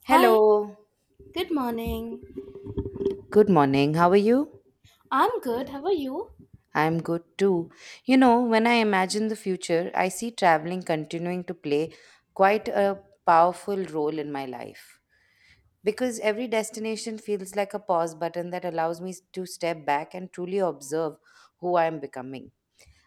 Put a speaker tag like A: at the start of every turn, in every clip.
A: Hello,
B: Hi, good morning.
A: good morning. How are you?
B: I'm good. How are you?
A: I'm good too. You know, when I imagine the future, I see traveling continuing to play quite a powerful role in my life. Because every destination feels like a pause button that allows me to step back and truly observe who I am becoming.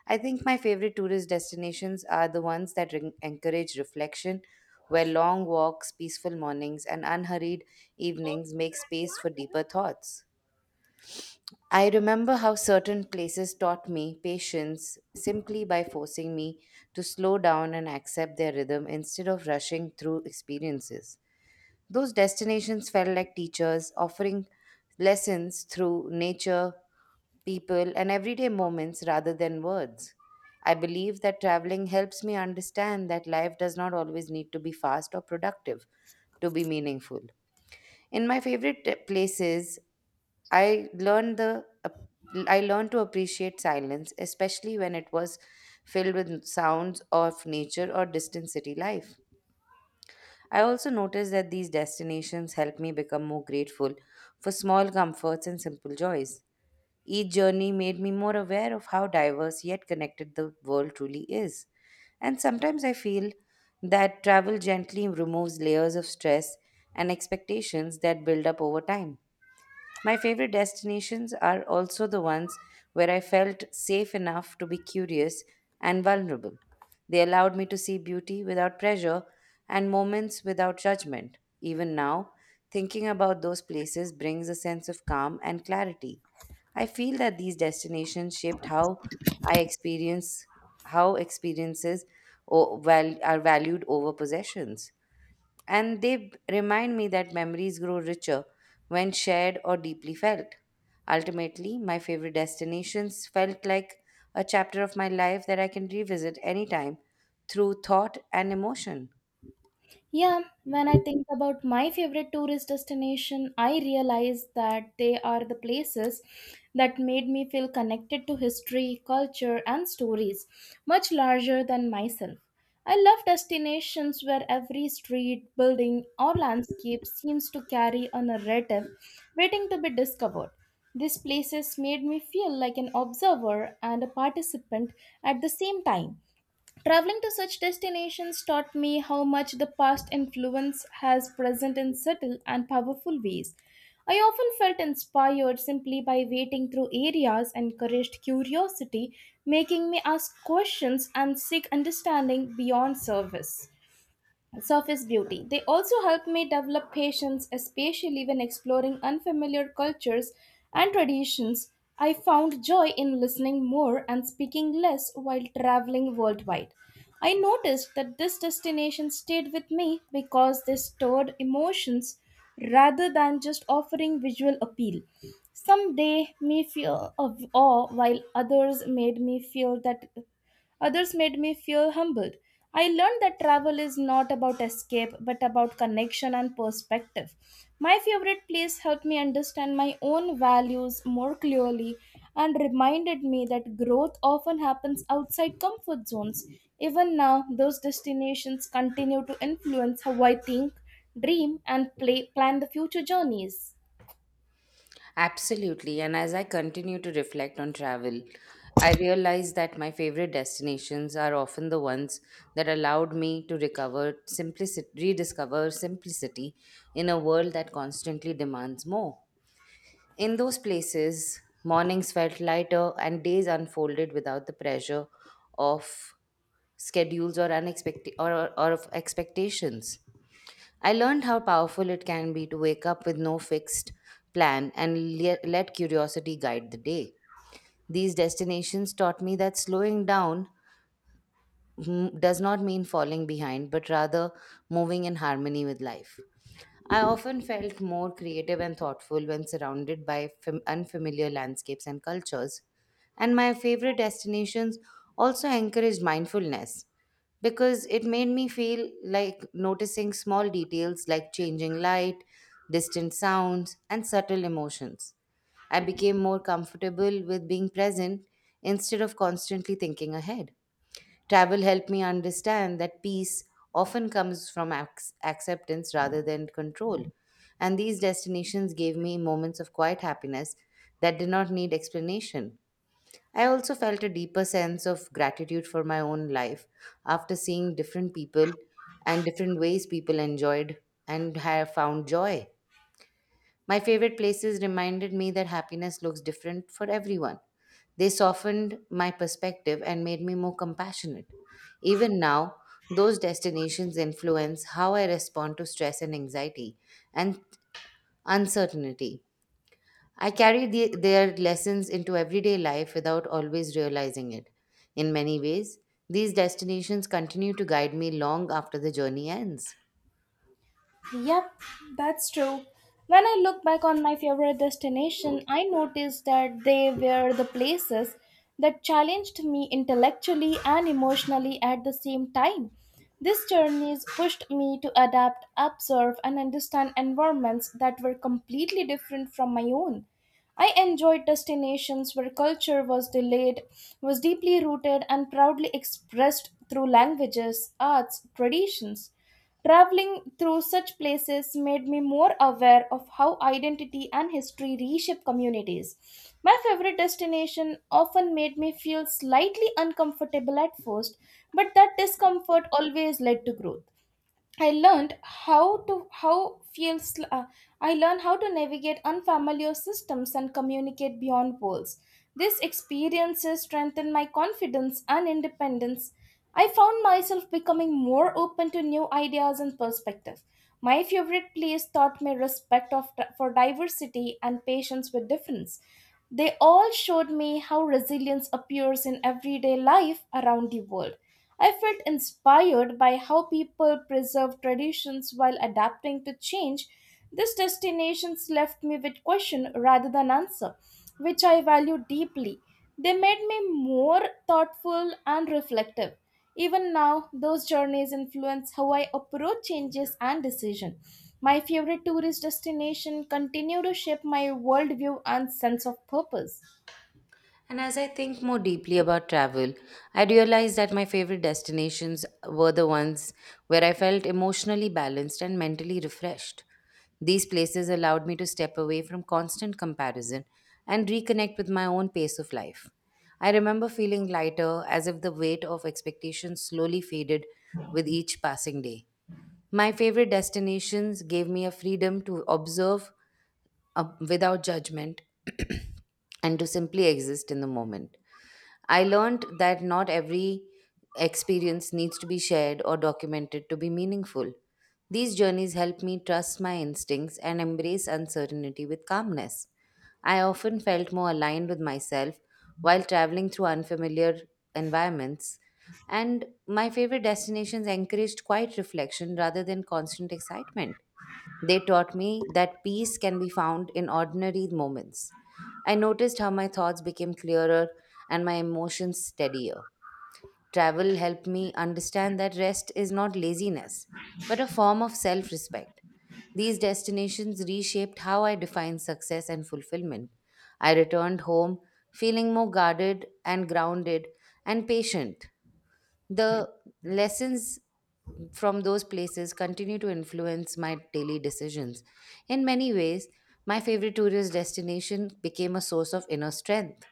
A: I think my favorite tourist destinations are the ones that encourage reflection, where long walks, peaceful mornings, and unhurried evenings make space for deeper thoughts. I remember how certain places taught me patience simply by forcing me to slow down and accept their rhythm instead of rushing through experiences. Those destinations felt like teachers offering lessons through nature, people, and everyday moments rather than words. I believe that traveling helps me understand that life does not always need to be fast or productive to be meaningful. In my favorite places, I learned the ap- I learned to appreciate silence, especially when it was filled with sounds of nature or distant city life. I also noticed that these destinations helped me become more grateful for small comforts and simple joys. Each journey made me more aware of how diverse yet connected the world truly is. And sometimes I feel that travel gently removes layers of stress and expectations that build up over time. My favorite destinations are also the ones where I felt safe enough to be curious and vulnerable. They allowed me to see beauty without pressure and moments without judgment. Even now, thinking about those places brings a sense of calm and clarity. I feel that these destinations shaped I experience how experiences are valued over possessions. And they remind me that memories grow richer when shared or deeply felt. Ultimately, my favorite destinations felt like a chapter of my life that I can revisit anytime through thought and emotion.
B: Yeah, when I think about my favorite tourist destination, I realize that they are the places that made me feel connected to history, culture, and stories much larger than myself. I love destinations where every street, building, or landscape seems to carry a narrative waiting to be discovered. These places made me feel like an observer and a participant at the same time. Traveling to such destinations taught me how much the past influence has present in subtle and powerful ways. I often felt inspired simply by waiting through areas, encouraged curiosity, making me ask questions and seek understanding beyond service surface beauty. They also help me develop patience, especially when exploring unfamiliar cultures and traditions. I found joy in listening more and speaking less while traveling worldwide. I noticed that this destination stayed with me because they stored emotions rather than just offering visual appeal. Some day me feel of awe, while Others made me feel humbled. I learned that travel is not about escape but about connection and perspective. My favorite place helped me understand my own values more clearly and reminded me that growth often happens outside comfort zones. Even now, those destinations continue to influence how I think, dream, and plan the future journeys.
A: Absolutely. And as I continue to reflect on travel, I realize that my favorite destinations are often the ones that allowed me to recover simplicity, rediscover simplicity in a world that constantly demands more. In those places, mornings felt lighter and days unfolded without the pressure of schedules or of expectations. I learned how powerful it can be to wake up with no fixed plan and let curiosity guide the day. These destinations taught me that slowing down does not mean falling behind, but rather moving in harmony with life. I often felt more creative and thoughtful when surrounded by unfamiliar landscapes and cultures, and my favorite destinations also encouraged mindfulness because it made me feel like noticing small details like changing light, distant sounds, and subtle emotions. I became more comfortable with being present instead of constantly thinking ahead. Travel helped me understand that peace often comes from acceptance rather than control. And these destinations gave me moments of quiet happiness that did not need explanation. I also felt a deeper sense of gratitude for my own life after seeing different people and different ways people enjoyed and have found joy. My favorite places reminded me that happiness looks different for everyone. They softened my perspective and made me more compassionate. Even now, those destinations influence how I respond to stress and anxiety and uncertainty. I carry their lessons into everyday life without always realizing it. In many ways, these destinations continue to guide me long after the journey ends.
B: Yep, that's true. When I look back on my favorite destination, I noticed that they were the places that challenged me intellectually and emotionally at the same time. These journeys pushed me to adapt, observe, and understand environments that were completely different from my own. I enjoyed destinations where was deeply rooted, and proudly expressed through languages, arts, traditions. Traveling through such places made me more aware of how identity and history reshape communities. My favorite destination often made me feel slightly uncomfortable at first, but that discomfort always led to growth. I learned how to how feels uh, I learned how to navigate unfamiliar systems and communicate beyond walls. These experiences strengthened my confidence and independence. I found myself becoming more open to new ideas and perspective. My favorite place taught me for diversity and patience with difference. They all showed me how resilience appears in everyday life around the world. I felt inspired by how people preserve traditions while adapting to change. These destinations left me with question rather than answer, which I value deeply. They made me more thoughtful and reflective. Even now, those journeys influence how I approach changes and decision. My favorite tourist destination continue to shape my worldview and sense of purpose.
A: And as I think more deeply about travel, I realized that my favorite destinations were the ones where I felt emotionally balanced and mentally refreshed. These places allowed me to step away from constant comparison and reconnect with my own pace of life. I remember feeling lighter, as if the weight of expectations slowly faded with each passing day. My favorite destinations gave me a freedom to observe without judgment and to simply exist in the moment. I learned that not every experience needs to be shared or documented to be meaningful. These journeys help me trust my instincts and embrace uncertainty with calmness. I often felt more aligned with myself while traveling through unfamiliar environments, and my favorite destinations encouraged quiet reflection rather than constant excitement. They taught me that peace can be found in ordinary moments. I noticed how my thoughts became clearer and my emotions steadier. Travel helped me understand that rest is not laziness, but a form of self respect. These destinations reshaped how I define success and fulfillment. I returned home feeling more guarded and grounded and patient. The lessons from those places continue to influence my daily decisions. In many ways, my favorite tourist destination became a source of inner strength.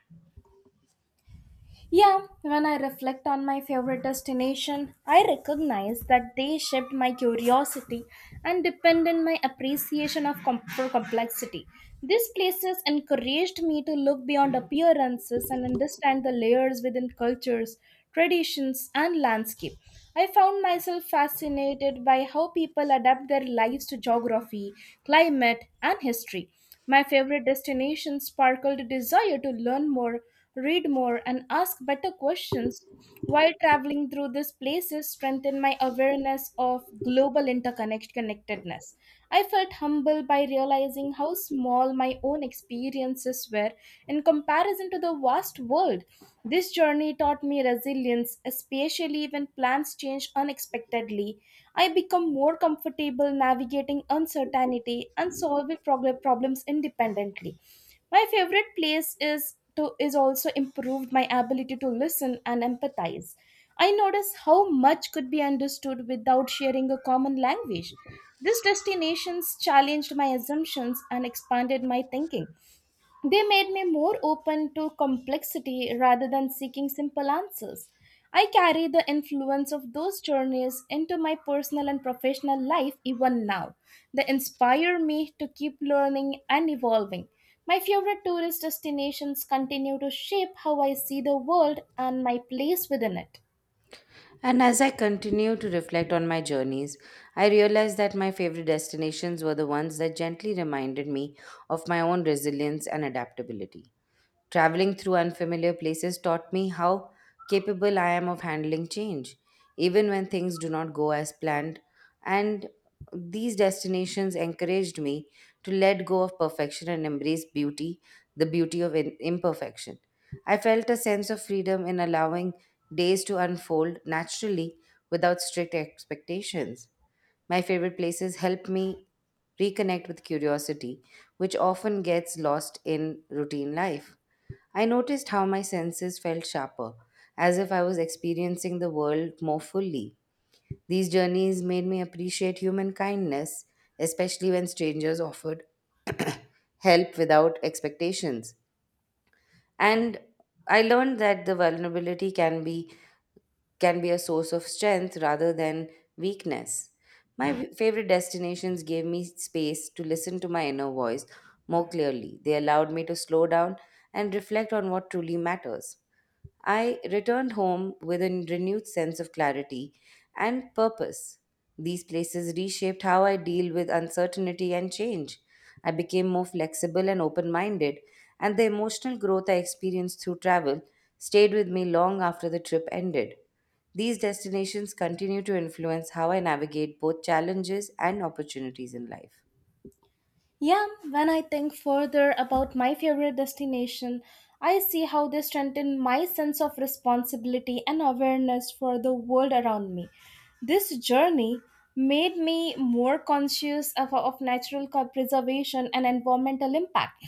B: Yeah, when I reflect on my favorite destination, I recognize that they shaped my curiosity and deepened my appreciation for complexity. These places encouraged me to look beyond appearances and understand the layers within cultures, traditions, and landscape. I found myself fascinated by how people adapt their lives to geography, climate, and history. My favorite destination sparkled a desire to learn more, read more, and ask better questions. While traveling through these places strengthened my awareness of global interconnectedness. I felt humble by realizing how small my own experiences were in comparison to the vast world. This journey taught me resilience, especially when plans change unexpectedly. I become more comfortable navigating uncertainty and solving problems independently. My favorite place is to is also improved my ability to listen and empathize. I notice how much could be understood without sharing a common language. These destinations challenged my assumptions and expanded my thinking. They made me more open to complexity rather than seeking simple answers. I carry the influence of those journeys into my personal and professional life even now. They inspire me to keep learning and evolving. My favorite tourist destinations continue to shape how I see the world and my place within it.
A: And as I continue to reflect on my journeys, I realized that my favorite destinations were the ones that gently reminded me of my own resilience and adaptability. Traveling through unfamiliar places taught me how capable I am of handling change, even when things do not go as planned. And these destinations encouraged me to let go of perfection and embrace beauty, the beauty of imperfection. I felt a sense of freedom in allowing days to unfold naturally without strict expectations. My favorite places help me reconnect with curiosity, which often gets lost in routine life. I noticed how my senses felt sharper, as if I was experiencing the world more fully. These journeys made me appreciate human kindness, especially when strangers offered help without expectations. And I learned that the vulnerability can be a source of strength rather than weakness. My favorite destinations gave me space to listen to my inner voice more clearly. They allowed me to slow down and reflect on what truly matters. I returned home with a renewed sense of clarity and purpose. These places reshaped how I deal with uncertainty and change. I became more flexible and open minded, and the emotional growth I experienced through travel stayed with me long after the trip ended. These destinations continue to influence how I navigate both challenges and opportunities in life.
B: Yeah, when I think further about my favorite destination, I see how they strengthen my sense of responsibility and awareness for the world around me. This journey made me more conscious of preservation and environmental impact.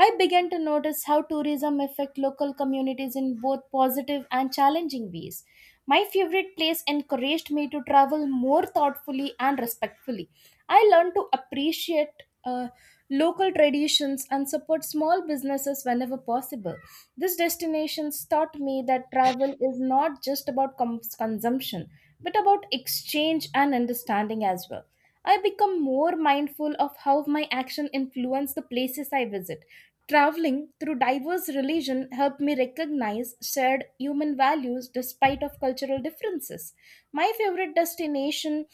B: I began to notice how tourism affect local communities in both positive and challenging ways. My favorite place encouraged me to travel more thoughtfully and respectfully. I learned to appreciate uh, local traditions and support small businesses whenever possible. This destination taught me that travel is not just about consumption but about exchange and understanding as well. I become more mindful of how my action influence the places I visit. Traveling through diverse religion helped me recognize shared human values despite of cultural differences. My favorite destination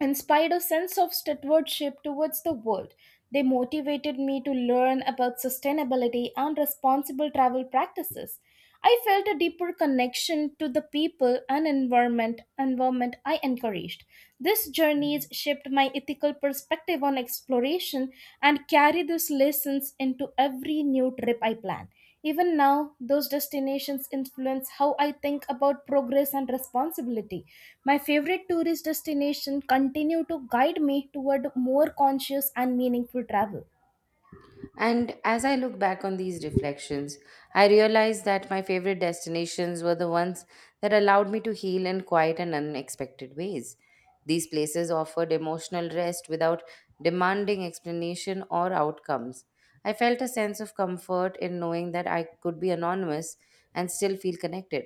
B: inspired a sense of stewardship towards the world. They motivated me to learn about sustainability and responsible travel practices. I felt a deeper connection to the people and environment I encouraged. This journeys shaped my ethical perspective on exploration and carry these lessons into every new trip I plan. Even now, those destinations influence how I think about progress and responsibility. My favorite tourist destinations continue to guide me toward more conscious and meaningful travel.
A: And as I look back on these reflections, I realize that my favorite destinations were the ones that allowed me to heal in quiet and unexpected ways. These places offered emotional rest without demanding explanation or outcomes. I felt a sense of comfort in knowing that I could be anonymous and still feel connected.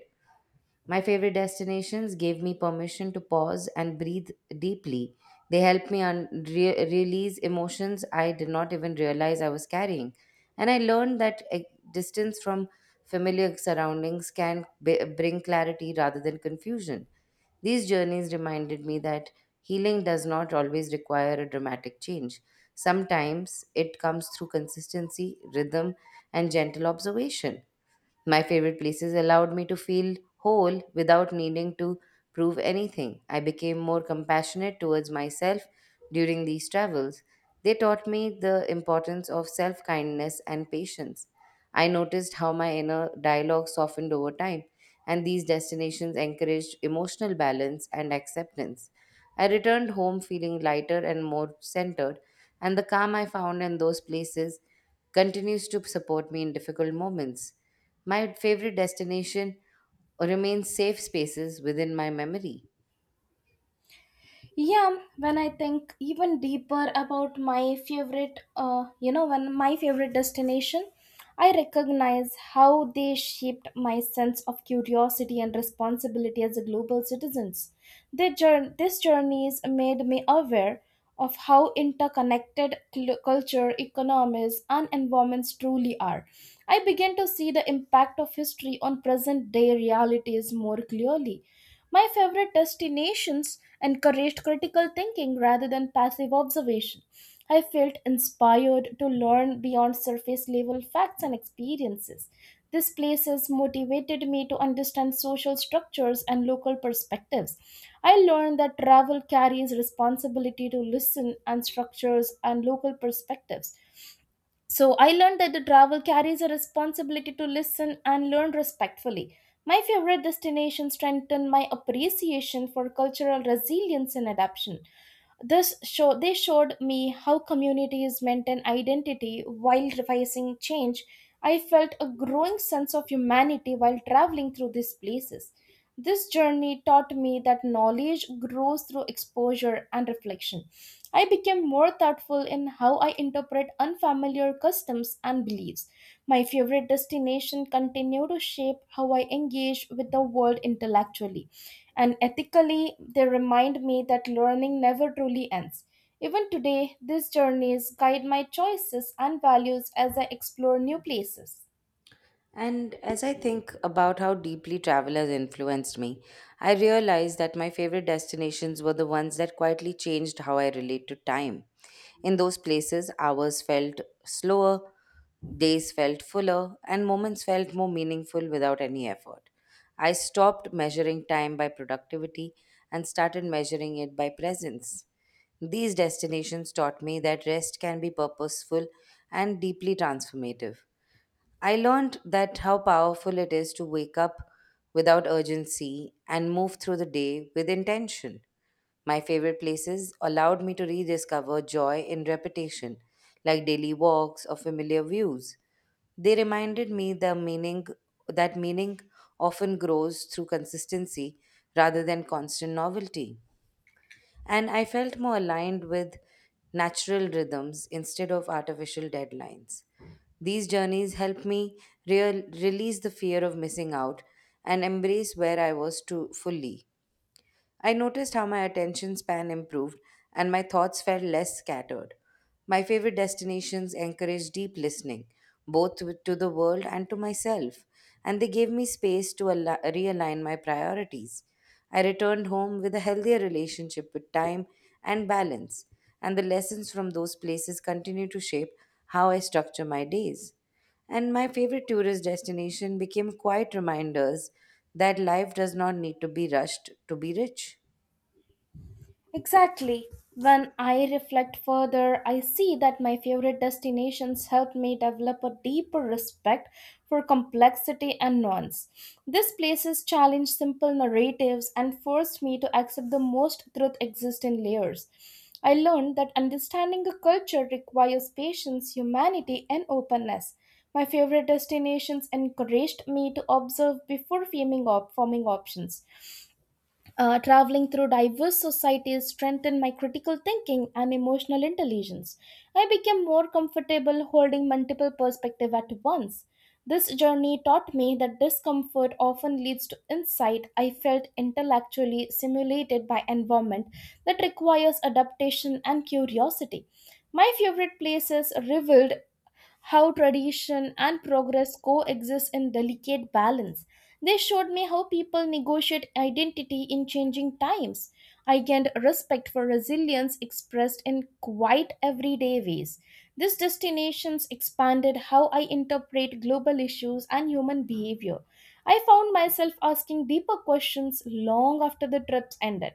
A: My favorite destinations gave me permission to pause and breathe deeply. They helped me release emotions I did not even realize I was carrying. And I learned that a distance from familiar surroundings can bring clarity rather than confusion. These journeys reminded me that healing does not always require a dramatic change. Sometimes it comes through consistency, rhythm, and gentle observation. My favorite places allowed me to feel whole without needing to prove anything. I became more compassionate towards myself during these travels. They taught me the importance of self kindness and patience. I noticed how my inner dialogue softened over time, and these destinations encouraged emotional balance and acceptance. I returned home feeling lighter and more centered, and the calm I found in those places continues to support me in difficult moments. My favorite destination remains safe spaces within my memory.
B: Yeah, when I think even deeper about my favorite you know when my favorite destination, I recognize how they shaped my sense of curiosity and responsibility as a global citizens. These journeys made me aware of how interconnected culture, economies, and environments truly are. I began to see the impact of history on present day realities more clearly. My favorite destinations encouraged critical thinking rather than passive observation. I felt inspired to learn beyond surface level facts and experiences. These places motivated me to understand social structures and local perspectives. I learned that travel carries responsibility to listen and structures and local perspectives. So I learned that the travel carries a responsibility to listen and learn respectfully. My favorite destination strengthened my appreciation for cultural resilience and adaptation. This show They showed me how communities maintain identity while facing change. I felt a growing sense of humanity while traveling through these places. This journey taught me that knowledge grows through exposure and reflection. I became more thoughtful in how I interpret unfamiliar customs and beliefs. My favorite destination continue to shape how I engage with the world intellectually and ethically. They remind me that learning never truly ends. Even today, these journeys guide my choices and values as I explore new places.
A: And as I think about how deeply travel has influenced me, I realize that my favorite destinations were the ones that quietly changed how I relate to time. In those places, hours felt slower, days felt fuller, and moments felt more meaningful without any effort. I stopped measuring time by productivity and started measuring it by presence. These destinations taught me that rest can be purposeful and deeply transformative. I learned that how powerful it is to wake up without urgency and move through the day with intention. My favorite places allowed me to rediscover joy in repetition, like daily walks or familiar views. They reminded me the meaning that meaning often grows through consistency rather than constant novelty. And I felt more aligned with natural rhythms instead of artificial deadlines. These journeys help me release the fear of missing out and embrace where I was to fully. I noticed how my attention span improved and my thoughts felt less scattered. My favorite destinations encourage deep listening, both to the world and to myself, and they gave me space to realign my priorities. I returned home with a healthier relationship with time and balance, and the lessons from those places continue to shape how I structure my days. And my favorite tourist destination became quiet reminders that life does not need to be rushed to be rich.
B: Exactly. When I reflect further, I see that my favorite destinations helped me develop a deeper respect for complexity and nuance. These places challenged simple narratives and forced me to accept the most truth exists in layers. I learned that understanding a culture requires patience, humanity, and openness. My favorite destinations encouraged me to observe before forming, op- forming options. Traveling through diverse societies strengthened my critical thinking and emotional intelligence. I became more comfortable holding multiple perspectives at once. This journey taught me that discomfort often leads to insight. I felt intellectually stimulated by environment that requires adaptation and curiosity. My favorite places revealed how tradition and progress coexist in delicate balance. They showed me how people negotiate identity in changing times. I gained respect for resilience expressed in quite everyday ways. These destinations expanded how I interpret global issues and human behavior. I found myself asking deeper questions long after the trips ended.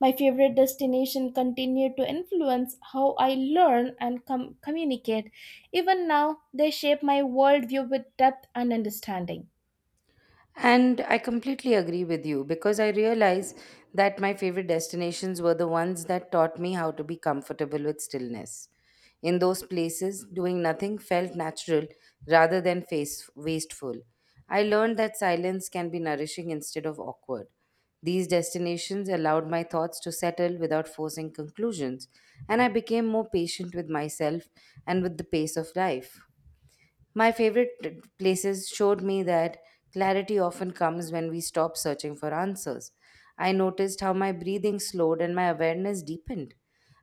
B: My favorite destination continued to influence how I learn and communicate. Even now, they shape my worldview with depth and understanding.
A: And I completely agree with you because I realize that my favorite destinations were the ones that taught me how to be comfortable with stillness. In those places, doing nothing felt natural rather than wasteful. I learned that silence can be nourishing instead of awkward. These destinations allowed my thoughts to settle without forcing conclusions, and I became more patient with myself and with the pace of life. My favorite places showed me that clarity often comes when we stop searching for answers. I noticed how my breathing slowed and my awareness deepened.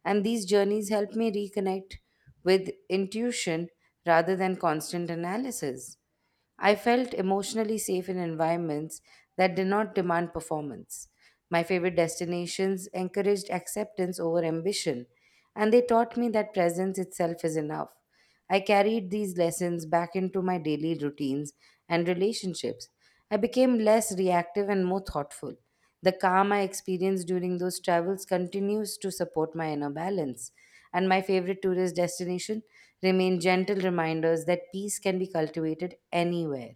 A: And these journeys helped me reconnect with intuition rather than constant analysis. I felt emotionally safe in environments that did not demand performance. My favorite destinations encouraged acceptance over ambition, and they taught me that presence itself is enough. I carried these lessons back into my daily routines and relationships. I became less reactive and more thoughtful. The calm I experienced during those travels continues to support my inner balance. And my favorite tourist destination remain gentle reminders that peace can be cultivated anywhere.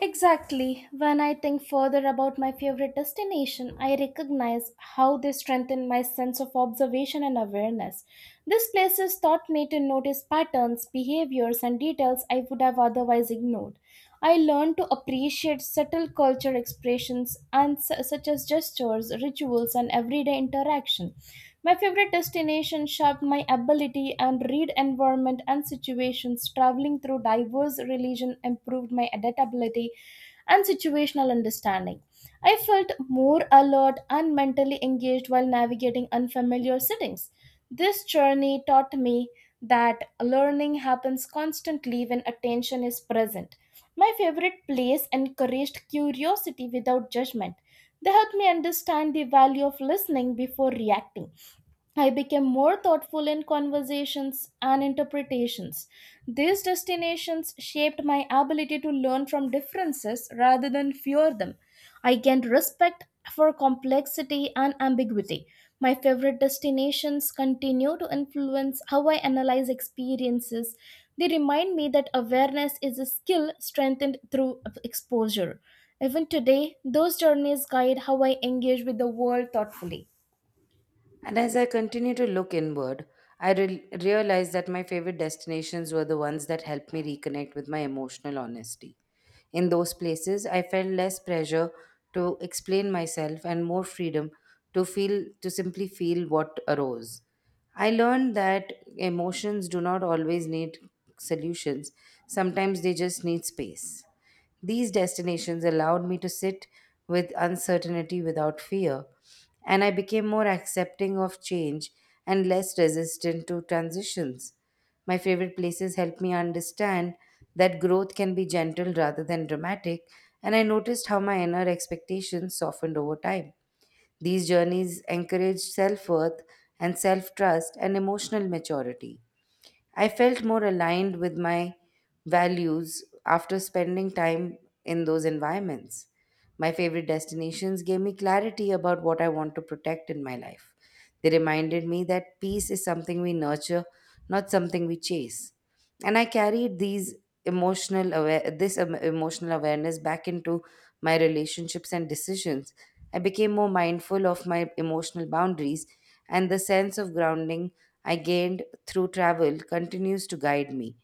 B: Exactly. When I think further about my favorite destination, I recognize how they strengthen my sense of observation and awareness. These places taught me to notice patterns, behaviors, and details I would have otherwise ignored. I learned to appreciate subtle culture such as gestures, rituals, and everyday interaction. My favorite destination shaped my ability and read environment and situations. Traveling through diverse religion improved my adaptability and situational understanding. I felt more alert and mentally engaged while navigating unfamiliar settings. This journey taught me that learning happens constantly when attention is present. My favorite place encouraged curiosity without judgment. They helped me understand the value of listening before reacting. I became more thoughtful in conversations and interpretations. These destinations shaped my ability to learn from differences rather than fear them. I gained respect for complexity and ambiguity. My favorite destinations continue to influence how I analyze experiences. They remind me that awareness is a skill strengthened through exposure. Even today, those journeys guide how I engage with the world thoughtfully.
A: And as I continue to look inward, I realized that my favorite destinations were the ones that helped me reconnect with my emotional honesty. In those places, I felt less pressure to explain myself and more freedom to simply feel what arose. I learned that emotions do not always need solutions. Sometimes they just need space. These destinations allowed me to sit with uncertainty without fear, and I became more accepting of change and less resistant to transitions. My favorite places helped me understand that growth can be gentle rather than dramatic, and I noticed how my inner expectations softened over time. These journeys encourage self worth and self trust and emotional maturity. I felt more aligned with my values after spending time in those environments. My favorite destinations gave me clarity about what I want to protect in my life. They reminded me that peace is something we nurture, not something we chase. And I carried these emotional aware this em- emotional awareness back into my relationships and decisions. I became more mindful of my emotional boundaries, and the sense of grounding I gained through travel continues to guide me.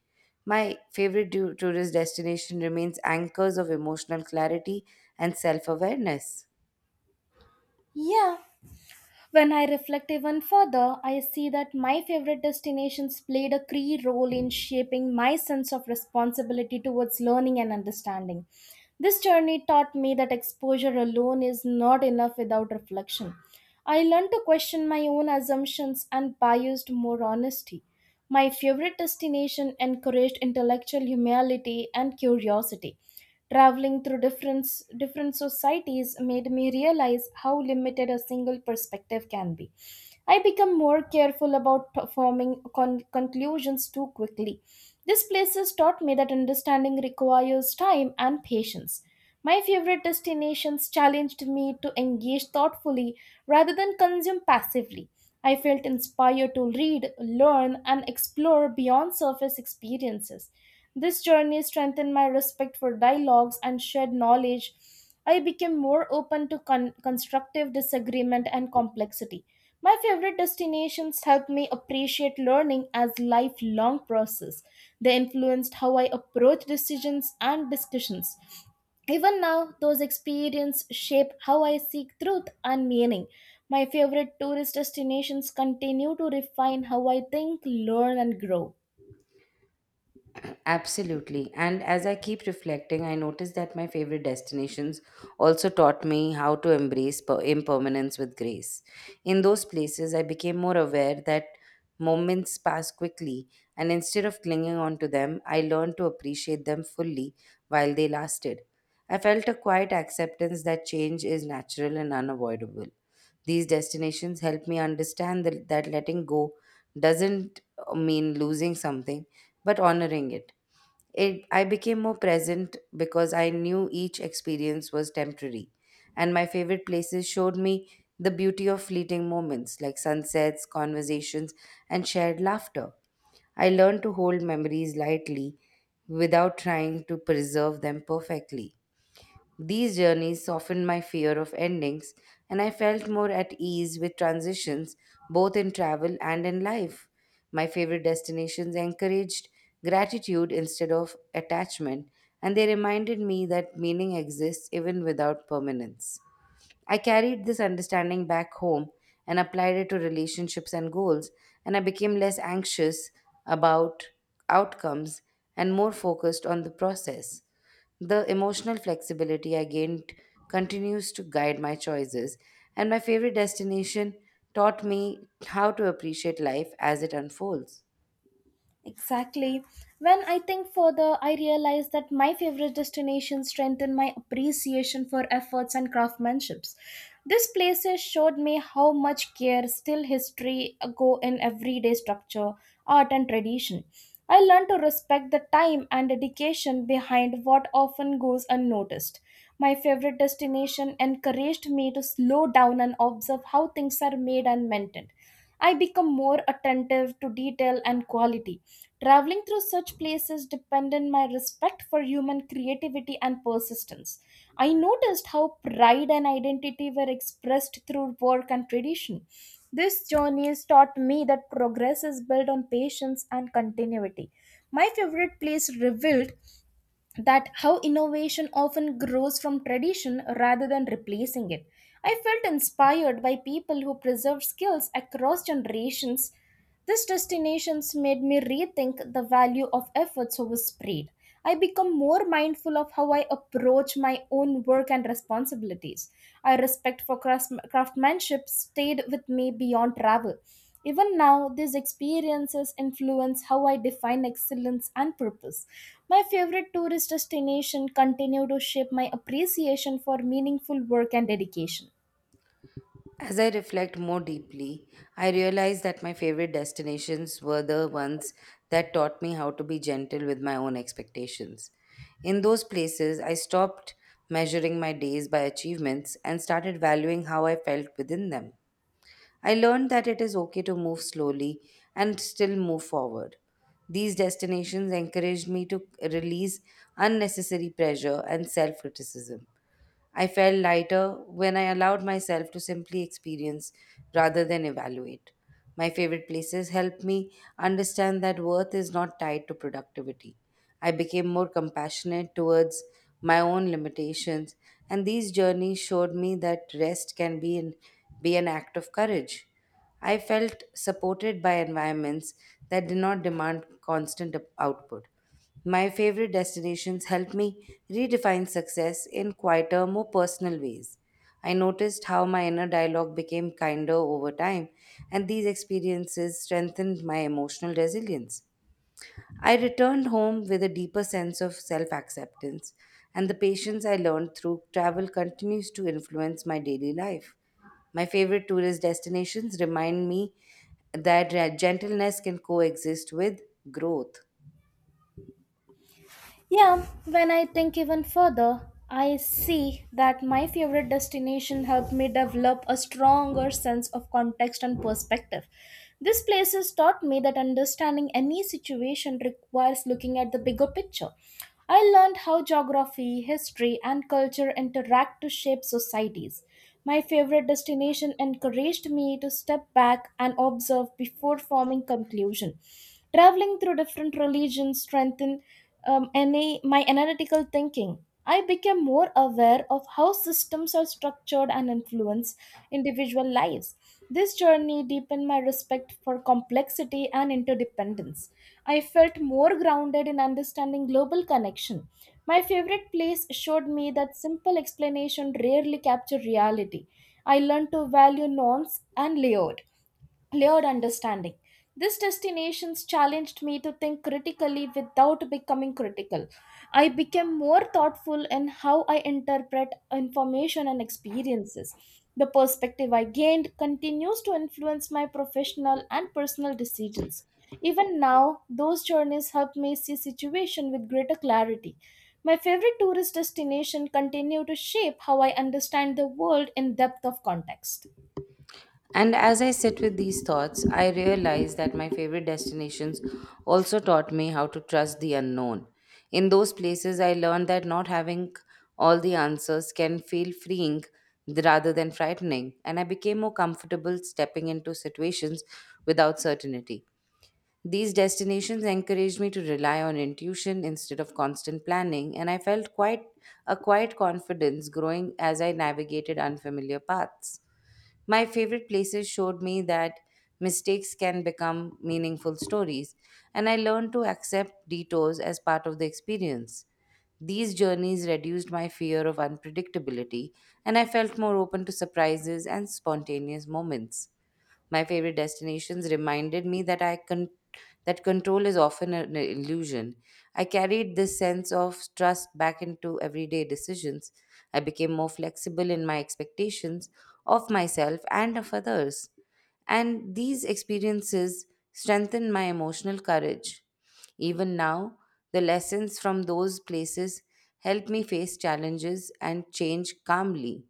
A: My favorite tourist destination remains anchors of emotional clarity and self awareness.
B: Yeah, when I reflect even further, I see that my favorite destinations played a key role in shaping my sense of responsibility towards learning and understanding. This journey taught me that exposure alone is not enough without reflection. I learned to question my own assumptions and biased more honesty. My favorite destination encouraged intellectual humility and curiosity. Traveling through different societies made me realize how limited a single perspective can be. I become more careful about conclusions too quickly. These places taught me that understanding requires time and patience. My favorite destinations challenged me to engage thoughtfully rather than consume passively. I felt inspired to read, learn, and explore beyond surface experiences. This journey strengthened my respect for dialogues and shared knowledge. I became more open to constructive disagreement and complexity. My favorite destinations helped me appreciate learning as lifelong process. They influenced how I approach decisions and discussions. Even now, those experiences shape how I seek truth and meaning. My favorite tourist destinations continue to refine how I think, learn, and grow.
A: Absolutely. And as I keep reflecting, I notice that my favorite destinations also taught me how to embrace impermanence with grace. In those places, I became more aware that moments pass quickly, and instead of clinging on to them, I learned to appreciate them fully while they lasted. I felt a quiet acceptance that change is natural and unavoidable. These destinations help me understand that letting go doesn't mean losing something, but honoring it. I became more present because I knew each experience was temporary, and my favorite places showed me the beauty of fleeting moments like sunsets, conversations, and shared laughter. I learned to hold memories lightly without trying to preserve them perfectly. These journeys softened my fear of endings, and I felt more at ease with transitions both in travel and in life. My favorite destinations encouraged gratitude instead of attachment, and they reminded me that meaning exists even without permanence. I carried this understanding back home and applied it to relationships and goals, and I became less anxious about outcomes and more focused on the process. The emotional flexibility I gained continues to guide my choices, and my favorite destination taught me how to appreciate life as it unfolds.
B: Exactly. When I think further, I realize that my favorite destinations strengthen my appreciation for efforts and craftsmanships. These places showed me how much care still history go in everyday structure, art and tradition. I learned to respect the time and dedication behind what often goes unnoticed. My favorite destination encouraged me to slow down and observe how things are made and maintained. I become more attentive to detail and quality. Traveling through such places depended my respect for human creativity and persistence. I noticed how pride and identity were expressed through work and tradition. This journey has taught me that progress is built on patience and continuity. My favorite place revealed that how innovation often grows from tradition rather than replacing it. I felt inspired by people who preserved skills across generations. These destinations made me rethink the value of efforts over speed. I become more mindful of how I approach my own work and responsibilities. My respect for craftsmanship stayed with me beyond travel. Even now, these experiences influence how I define excellence and purpose. My favorite tourist destination continue to shape my appreciation for meaningful work and dedication.
A: As I reflect more deeply, I realize that my favorite destinations were the ones that taught me how to be gentle with my own expectations. In those places, I stopped measuring my days by achievements and started valuing how I felt within them. I learned that it is okay to move slowly and still move forward. These destinations encouraged me to release unnecessary pressure and self criticism. I felt lighter when I allowed myself to simply experience rather than evaluate. My favorite places helped me understand that worth is not tied to productivity. I became more compassionate towards my own limitations, and these journeys showed me that rest can be an act of courage. I felt supported by environments that did not demand constant output. My favorite destinations helped me redefine success in quieter, more personal ways. I noticed how my inner dialogue became kinder over time, and these experiences strengthened my emotional resilience. I returned home with a deeper sense of self acceptance, and the patience I learned through travel continues to influence my daily life. My favorite tourist destinations remind me that gentleness can coexist with growth.
B: Yeah, when I think even further, I see that my favorite destination helped me develop a stronger sense of context and perspective. These places taught me that understanding any situation requires looking at the bigger picture. I learned how geography, history, and culture interact to shape societies. My favorite destination encouraged me to step back and observe before forming conclusion. Traveling through different religions strengthened my analytical thinking. I became more aware of how systems are structured and influence individual lives. This journey deepened my respect for complexity and interdependence. I felt more grounded in understanding global connection. My favorite place showed me that simple explanation rarely capture reality. I learned to value norms and layout layered understanding. These destinations challenged me to think critically without becoming critical. I became more thoughtful in how I interpret information and experiences. The perspective I gained continues to influence my professional and personal decisions. Even now, those journeys help me see situation with greater clarity. My favorite tourist destination continue to shape how I understand the world in depth of context.
A: And as I sit with these thoughts, I realize that my favorite destinations also taught me how to trust the unknown. In those places, I learned that not having all the answers can feel freeing rather than frightening, and I became more comfortable stepping into situations without certainty. These destinations encouraged me to rely on intuition instead of constant planning, and I felt quite a quiet confidence growing as I navigated unfamiliar paths. My favorite places showed me that mistakes can become meaningful stories, and I learned to accept detours as part of the experience. These journeys reduced my fear of unpredictability, and I felt more open to surprises and spontaneous moments. My favorite destinations reminded me that I can that control is often an illusion. I carried this sense of trust back into everyday decisions. I became more flexible in my expectations of myself and of others, and these experiences strengthened my emotional courage. Even now, the lessons from those places help me face challenges and change calmly.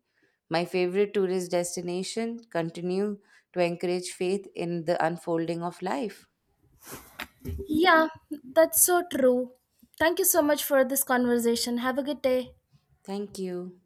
A: My favorite tourist destination continue to encourage faith in the unfolding of life.
B: Yeah, that's so true. Thank you so much for this conversation. Have a good day.
A: Thank you.